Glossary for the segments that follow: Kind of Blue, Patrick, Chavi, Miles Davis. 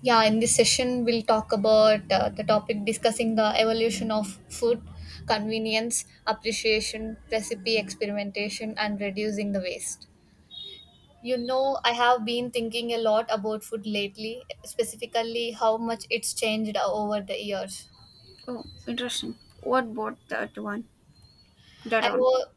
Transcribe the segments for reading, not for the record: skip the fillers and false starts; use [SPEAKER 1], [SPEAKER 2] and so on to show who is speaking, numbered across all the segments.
[SPEAKER 1] Yeah, in this session, we'll talk about the topic discussing the evolution of food, convenience, appreciation, recipe experimentation, and reducing the waste. You know, I have been thinking a lot about food lately, specifically how much it's changed over the years.
[SPEAKER 2] Oh, interesting. What bought that one? That
[SPEAKER 1] I
[SPEAKER 2] on.
[SPEAKER 1] was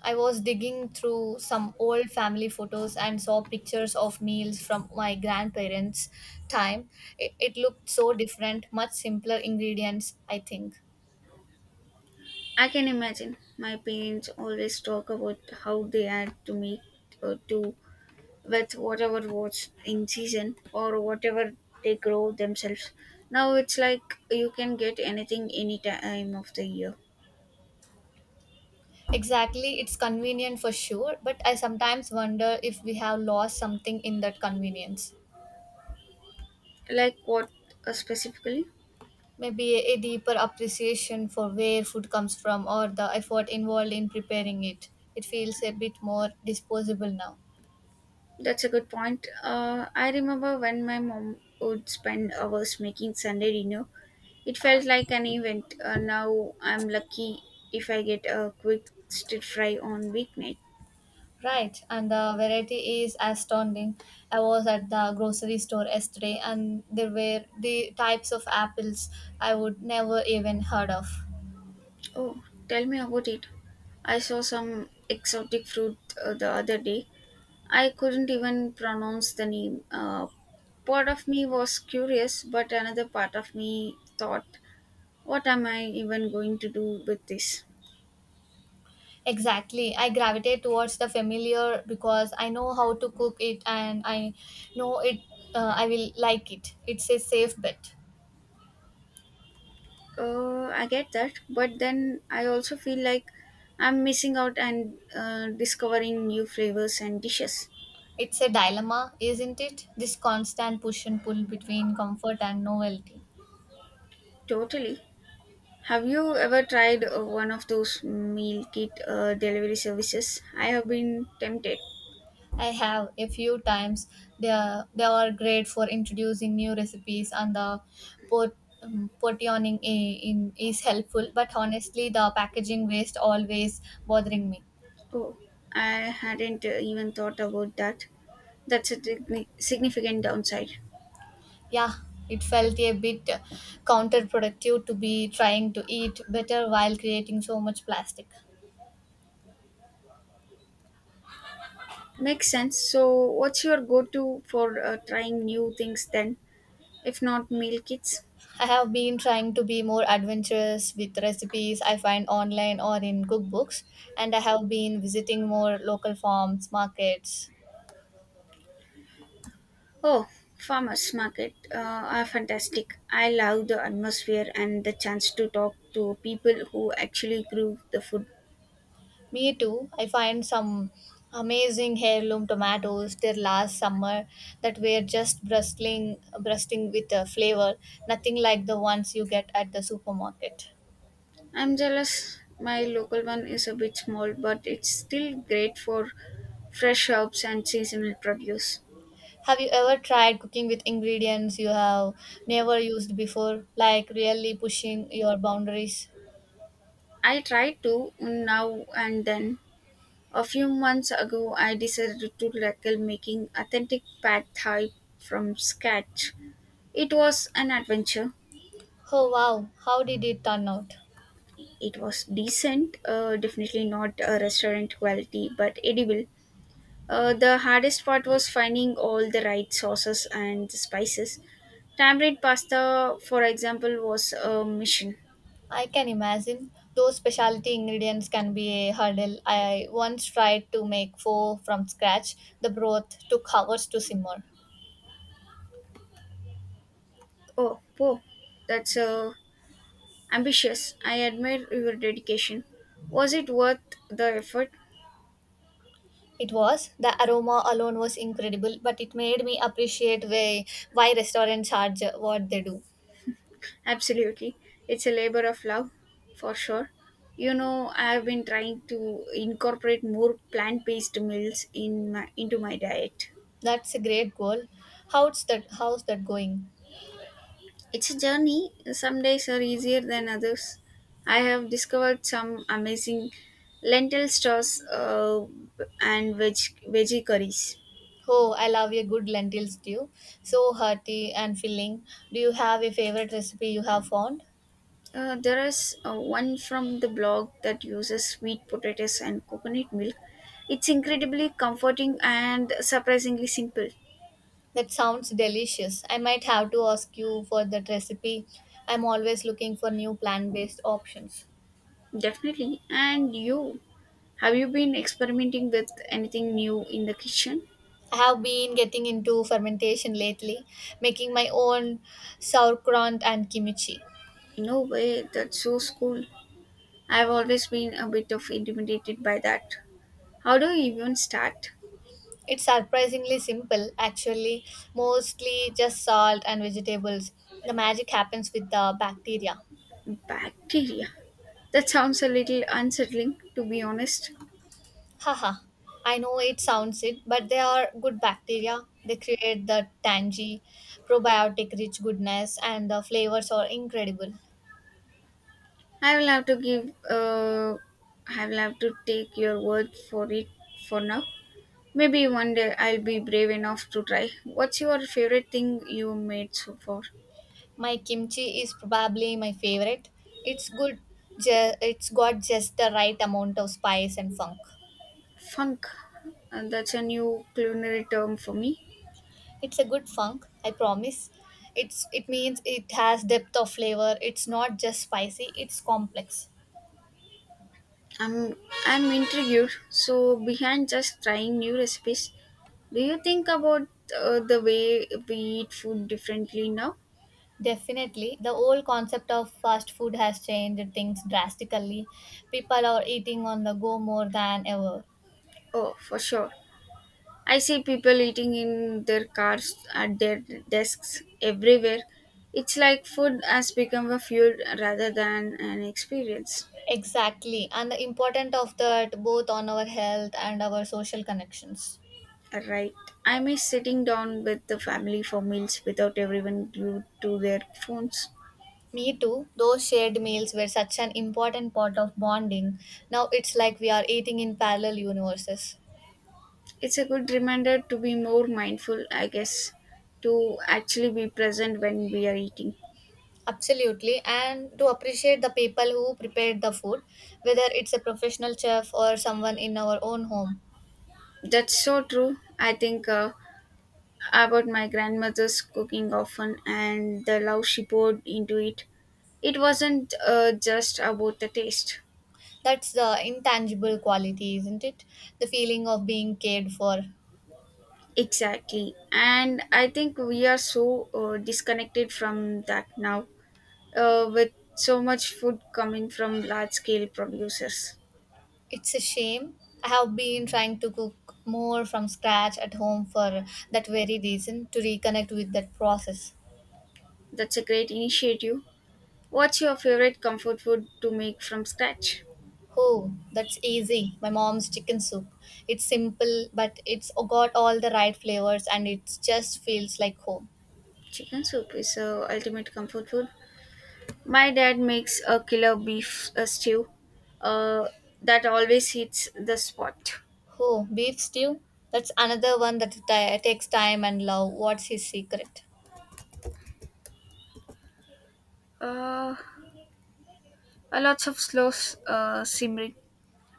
[SPEAKER 1] I was digging through some old family photos and saw pictures of meals from my grandparents' time. It looked so different, much simpler ingredients, I think.
[SPEAKER 2] I can imagine. My parents always talk about how they had to make do with whatever was in season or whatever they grow themselves. Now it's like you can get anything any time of the year.
[SPEAKER 1] Exactly, it's convenient for sure, but I sometimes wonder if we have lost something in that convenience.
[SPEAKER 2] Like what specifically?
[SPEAKER 1] Maybe a deeper appreciation for where food comes from or the effort involved in preparing it. It feels a bit more disposable now.
[SPEAKER 2] That's a good point. I remember when my mom would spend hours making Sunday dinner. It felt like an event. Now I'm lucky if I get a quick stir fry on weeknight.
[SPEAKER 1] Right, and the variety is astounding. I was at the grocery store yesterday and there were the types of apples I would never even heard of.
[SPEAKER 2] Oh, tell me about it. I saw some exotic fruit the other day. I couldn't even pronounce the name. Part of me was curious, but another part of me thought, what am I even going to do with this?
[SPEAKER 1] Exactly. I gravitate towards the familiar because I know how to cook it and I know it I will like it. It's a safe bet.
[SPEAKER 2] I get that, but then I also feel like I'm missing out and discovering new flavors and dishes.
[SPEAKER 1] It's a dilemma, isn't it? This constant push and pull between comfort and novelty.
[SPEAKER 2] Totally. Have you ever tried one of those meal kit delivery services? I have been tempted.
[SPEAKER 1] I have a few times they are great for introducing new recipes and the pot portioning in is helpful, but honestly the packaging waste always bothering me.
[SPEAKER 2] Oh, I hadn't even thought about that. That's a significant downside.
[SPEAKER 1] Yeah, it felt a bit counterproductive to be trying to eat better while creating so much plastic.
[SPEAKER 2] Makes sense. So, what's your go to for trying new things then, if not meal kits?
[SPEAKER 1] I have been trying to be more adventurous with recipes I find online or in cookbooks, and I have been visiting more local farms, markets.
[SPEAKER 2] Oh, farmers market are fantastic. I love the atmosphere and the chance to talk to people who actually grew the food.
[SPEAKER 1] Me too. I find some amazing heirloom tomatoes there last summer that were just bristling, bursting with a flavor, nothing like the ones you get at the supermarket.
[SPEAKER 2] I'm jealous. My local one is a bit small, but it's still great for fresh herbs and seasonal produce.
[SPEAKER 1] Have you ever tried cooking with ingredients you have never used before, like really pushing your boundaries?
[SPEAKER 2] I try to now and then. A few months ago, I decided to tackle making authentic pad thai from scratch. It was an adventure.
[SPEAKER 1] Oh wow, how did it turn out?
[SPEAKER 2] It was decent, definitely not a restaurant quality, but edible. The hardest part was finding all the right sauces and the spices. Tamarind pasta, for example, was a mission.
[SPEAKER 1] I can imagine. Those specialty ingredients can be a hurdle. I once tried to make pho from scratch. The broth took hours to simmer.
[SPEAKER 2] Oh, po, that's ambitious. I admire your dedication. Was it worth the effort?
[SPEAKER 1] It was. The aroma alone was incredible, but it made me appreciate why restaurants charge what they do.
[SPEAKER 2] Absolutely. It's a labor of love, for sure. You know, I have been trying to incorporate more plant-based meals in my into my diet.
[SPEAKER 1] That's a great goal. How's that going?
[SPEAKER 2] It's a journey. Some days are easier than others. I have discovered some amazing lentil stores and veggie curries.
[SPEAKER 1] Oh, I love a good lentil stew. So hearty and filling. Do you have a favorite recipe you have found?
[SPEAKER 2] There is one from the blog that uses sweet potatoes and coconut milk. It's incredibly comforting and surprisingly simple.
[SPEAKER 1] That sounds delicious. I might have to ask you for that recipe. I'm always looking for new plant based options.
[SPEAKER 2] Definitely. And you, have you been experimenting with anything new in the kitchen?
[SPEAKER 1] I have been getting into fermentation lately, making my own sauerkraut and kimchi.
[SPEAKER 2] No way, that's so cool. I've always been a bit of intimidated by that. How do you even start?
[SPEAKER 1] It's surprisingly simple, actually, mostly just salt and vegetables. The magic happens with the bacteria.
[SPEAKER 2] Bacteria. That sounds a little unsettling, to be honest.
[SPEAKER 1] Haha, I know it sounds it, but they are good bacteria. They create the tangy, probiotic rich goodness, and the flavors are incredible.
[SPEAKER 2] I will have to give. I will have to take your word for it for now. Maybe one day I'll be brave enough to try. What's your favorite thing you made so far?
[SPEAKER 1] My kimchi is probably my favorite. It's good, it's got just the right amount of spice and funk.
[SPEAKER 2] Funk. That's a new culinary term for me.
[SPEAKER 1] It's a good funk, I promise. It's it means it has depth of flavor. It's not just spicy, it's complex.
[SPEAKER 2] I'm I'm intrigued. So behind just trying new recipes, do you think about the way we eat food differently now?
[SPEAKER 1] Definitely, the whole concept of fast food has changed things drastically. People are eating on the go more than ever.
[SPEAKER 2] Oh, for sure. I see people eating in their cars at their desks everywhere. It's like food has become a fuel rather than an experience.
[SPEAKER 1] Exactly, and the importance of that both on our health and our social connections.
[SPEAKER 2] Right. I miss sitting down with the family for meals without everyone glued to their phones.
[SPEAKER 1] Me too, those shared meals were such an important part of bonding. Now it's like we are eating in parallel universes.
[SPEAKER 2] It's a good reminder to be more mindful, I guess, to actually be present when we are eating.
[SPEAKER 1] Absolutely, and to appreciate the people who prepared the food, whether it's a professional chef or someone in our own home.
[SPEAKER 2] That's so true. I think about my grandmother's cooking often and the love she poured into it. It wasn't just about the taste.
[SPEAKER 1] That's the intangible quality, isn't it? The feeling of being cared for.
[SPEAKER 2] Exactly. And I think we are so disconnected from that now, with so much food coming from large scale producers.
[SPEAKER 1] It's a shame. I have been trying to cook more from scratch at home for that very reason, to reconnect with that process.
[SPEAKER 2] That's a great initiative. What's your favorite comfort food to make from scratch?
[SPEAKER 1] Oh, that's easy. My mom's chicken soup. It's simple, but it's got all the right flavors and it just feels like home.
[SPEAKER 2] Chicken soup is ultimate comfort food. My dad makes a killer beef stew uh, that always hits the spot.
[SPEAKER 1] Oh, beef stew? That's another one that takes time and love. What's his secret?
[SPEAKER 2] Uh, a lots of slow simmering,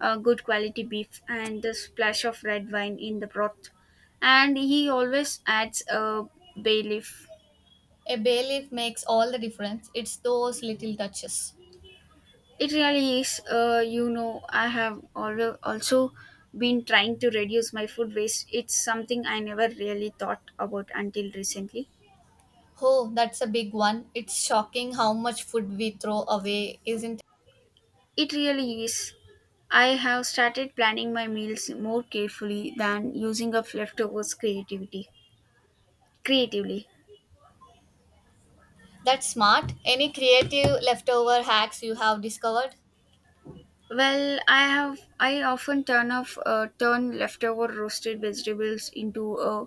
[SPEAKER 2] good quality beef, and the splash of red wine in the broth. And he always adds a bay leaf.
[SPEAKER 1] A bay leaf makes all the difference. It's those little touches.
[SPEAKER 2] It really is. You know, I have always also been trying to reduce my food waste. It's something I never really thought about until recently.
[SPEAKER 1] Oh, that's a big one. It's shocking how much food we throw away, isn't it?
[SPEAKER 2] It really is. I have started planning my meals more carefully than using up leftovers creativity creatively.
[SPEAKER 1] That's smart. Any creative leftover hacks you have discovered?
[SPEAKER 2] Well, I often turn leftover roasted vegetables into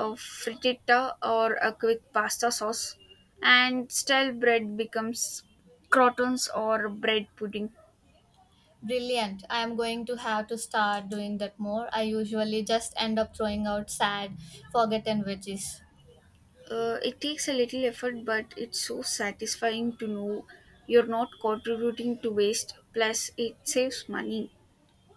[SPEAKER 2] a frittata or a quick pasta sauce, and style bread becomes crotons or bread pudding.
[SPEAKER 1] Brilliant. I am going to have to start doing that more. I usually just end up throwing out sad, forgotten veggies.
[SPEAKER 2] It takes a little effort, but it's so satisfying to know you're not contributing to waste, plus, it saves money.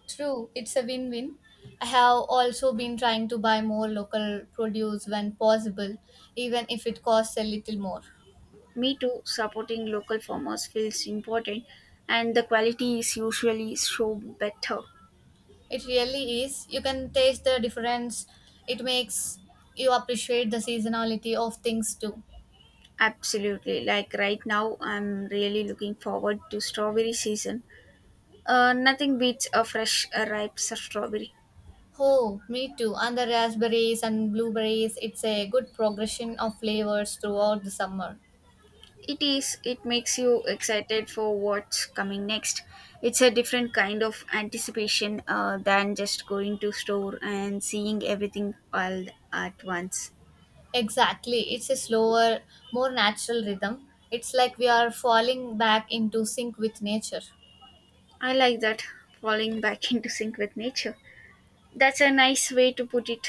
[SPEAKER 1] True, it's a win win. I have also been trying to buy more local produce when possible, even if it costs a little more.
[SPEAKER 2] Me too, supporting local farmers feels important, and the quality is usually so better.
[SPEAKER 1] It really is. You can taste the difference. It makes you appreciate the seasonality of things too.
[SPEAKER 2] Absolutely. Like right now, I'm really looking forward to strawberry season. Nothing beats a fresh ripe strawberry.
[SPEAKER 1] Oh, me too. And the raspberries and blueberries, it's a good progression of flavors throughout the summer.
[SPEAKER 2] It is. It makes you excited for what's coming next. It's a different kind of anticipation than just going to store and seeing everything all at once.
[SPEAKER 1] Exactly. It's a slower, more natural rhythm. It's like we are falling back into sync with nature.
[SPEAKER 2] I like that falling back into sync with nature. That's a nice way to put it.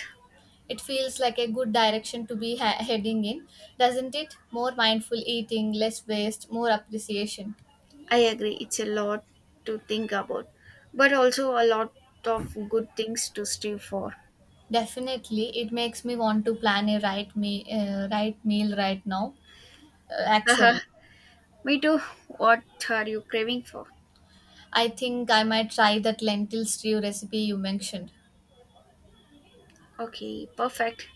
[SPEAKER 1] It feels like a good direction to be heading in, doesn't it? More mindful eating, less waste, more appreciation.
[SPEAKER 2] I agree. It's a lot to think about, but also a lot of good things to strive for.
[SPEAKER 1] Definitely, it makes me want to plan a right meal right now.
[SPEAKER 2] Haha.
[SPEAKER 1] Actually,
[SPEAKER 2] Me too. What are you craving for?
[SPEAKER 1] I think I might try that lentil stew recipe you mentioned.
[SPEAKER 2] Okay, perfect.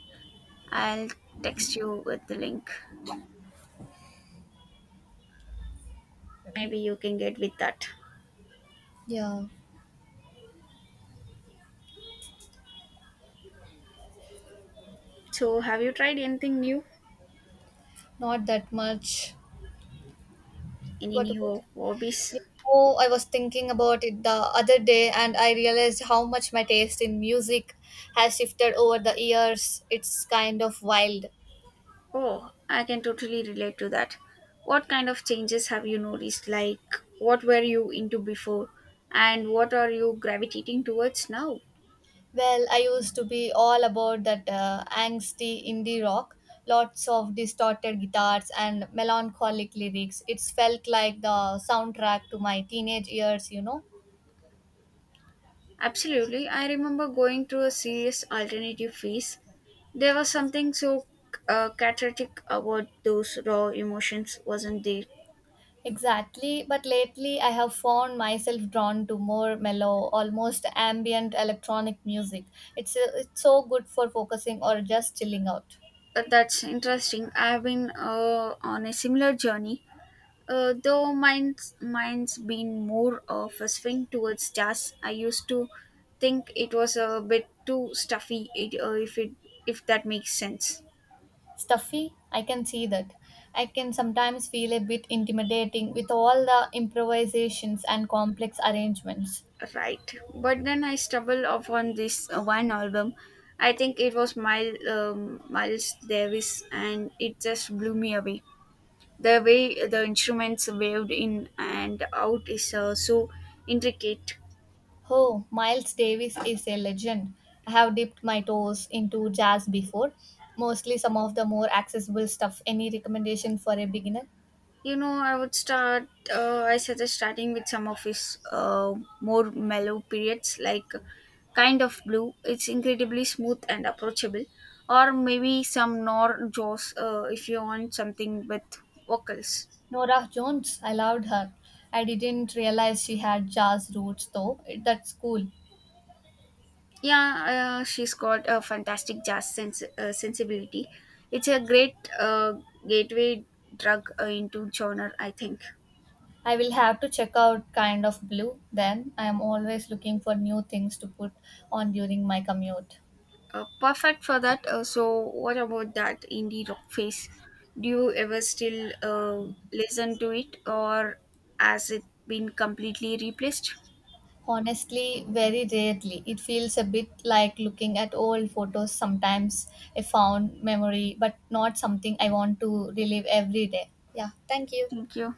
[SPEAKER 2] I'll text you with the link. Maybe you can get with that.
[SPEAKER 1] Yeah,
[SPEAKER 2] So, have you tried anything new?
[SPEAKER 1] not that much.
[SPEAKER 2] Any
[SPEAKER 1] What about?
[SPEAKER 2] new hobbies?
[SPEAKER 1] You know, I was thinking about it the other day, and I realized how much my taste in music has shifted over the years. It's kind of wild.
[SPEAKER 2] Oh, I can totally relate to that. What kind of changes have you noticed? Like, what were you into before? And what are you gravitating towards now?
[SPEAKER 1] Well, I used to be all about that angsty indie rock, lots of distorted guitars and melancholic lyrics. It felt like the soundtrack to my teenage years, you know.
[SPEAKER 2] Absolutely. I remember going through a serious alternative phase. There was something so cathartic about those raw emotions, wasn't there?
[SPEAKER 1] Exactly, but lately I have found myself drawn to more mellow, almost ambient electronic music. It's so good for focusing or just chilling out.
[SPEAKER 2] That's interesting. I've been on a similar journey, though mine's been more of a swing towards jazz. I used to think it was a bit too stuffy, it, if it if that makes sense,
[SPEAKER 1] Stuffy, I can see that. I can sometimes feel a bit intimidating with all the improvisations and complex arrangements.
[SPEAKER 2] right? But then I stumbled upon this one album. I think it was Miles Davis, and it just blew me away. The way the instruments waved in and out is so intricate.
[SPEAKER 1] Oh, Miles Davis is a legend. I have dipped my toes into jazz before, mostly some of the more accessible stuff. Any recommendation for a beginner?
[SPEAKER 2] You know, I would start. I suggest starting with some of his more mellow periods, like kind of blue. It's incredibly smooth and approachable, or maybe some Nor Jaws if you want something with vocals.
[SPEAKER 1] Nora Jones, I loved her. I didn't realize she had jazz roots though. That's cool.
[SPEAKER 2] Yeah, she's got a fantastic jazz sensibility. It's a great gateway drug into genre, I think.
[SPEAKER 1] I will have to check out Kind of Blue then. I am always looking for new things to put on during my commute.
[SPEAKER 2] Perfect for that. So, what about that indie rock phase? Do you ever still listen to it, or has it been completely replaced?
[SPEAKER 1] Honestly, very rarely. It feels a bit like looking at old photos sometimes, a fond memory, but not something I want to relive every day. Yeah, thank you.
[SPEAKER 2] Thank you.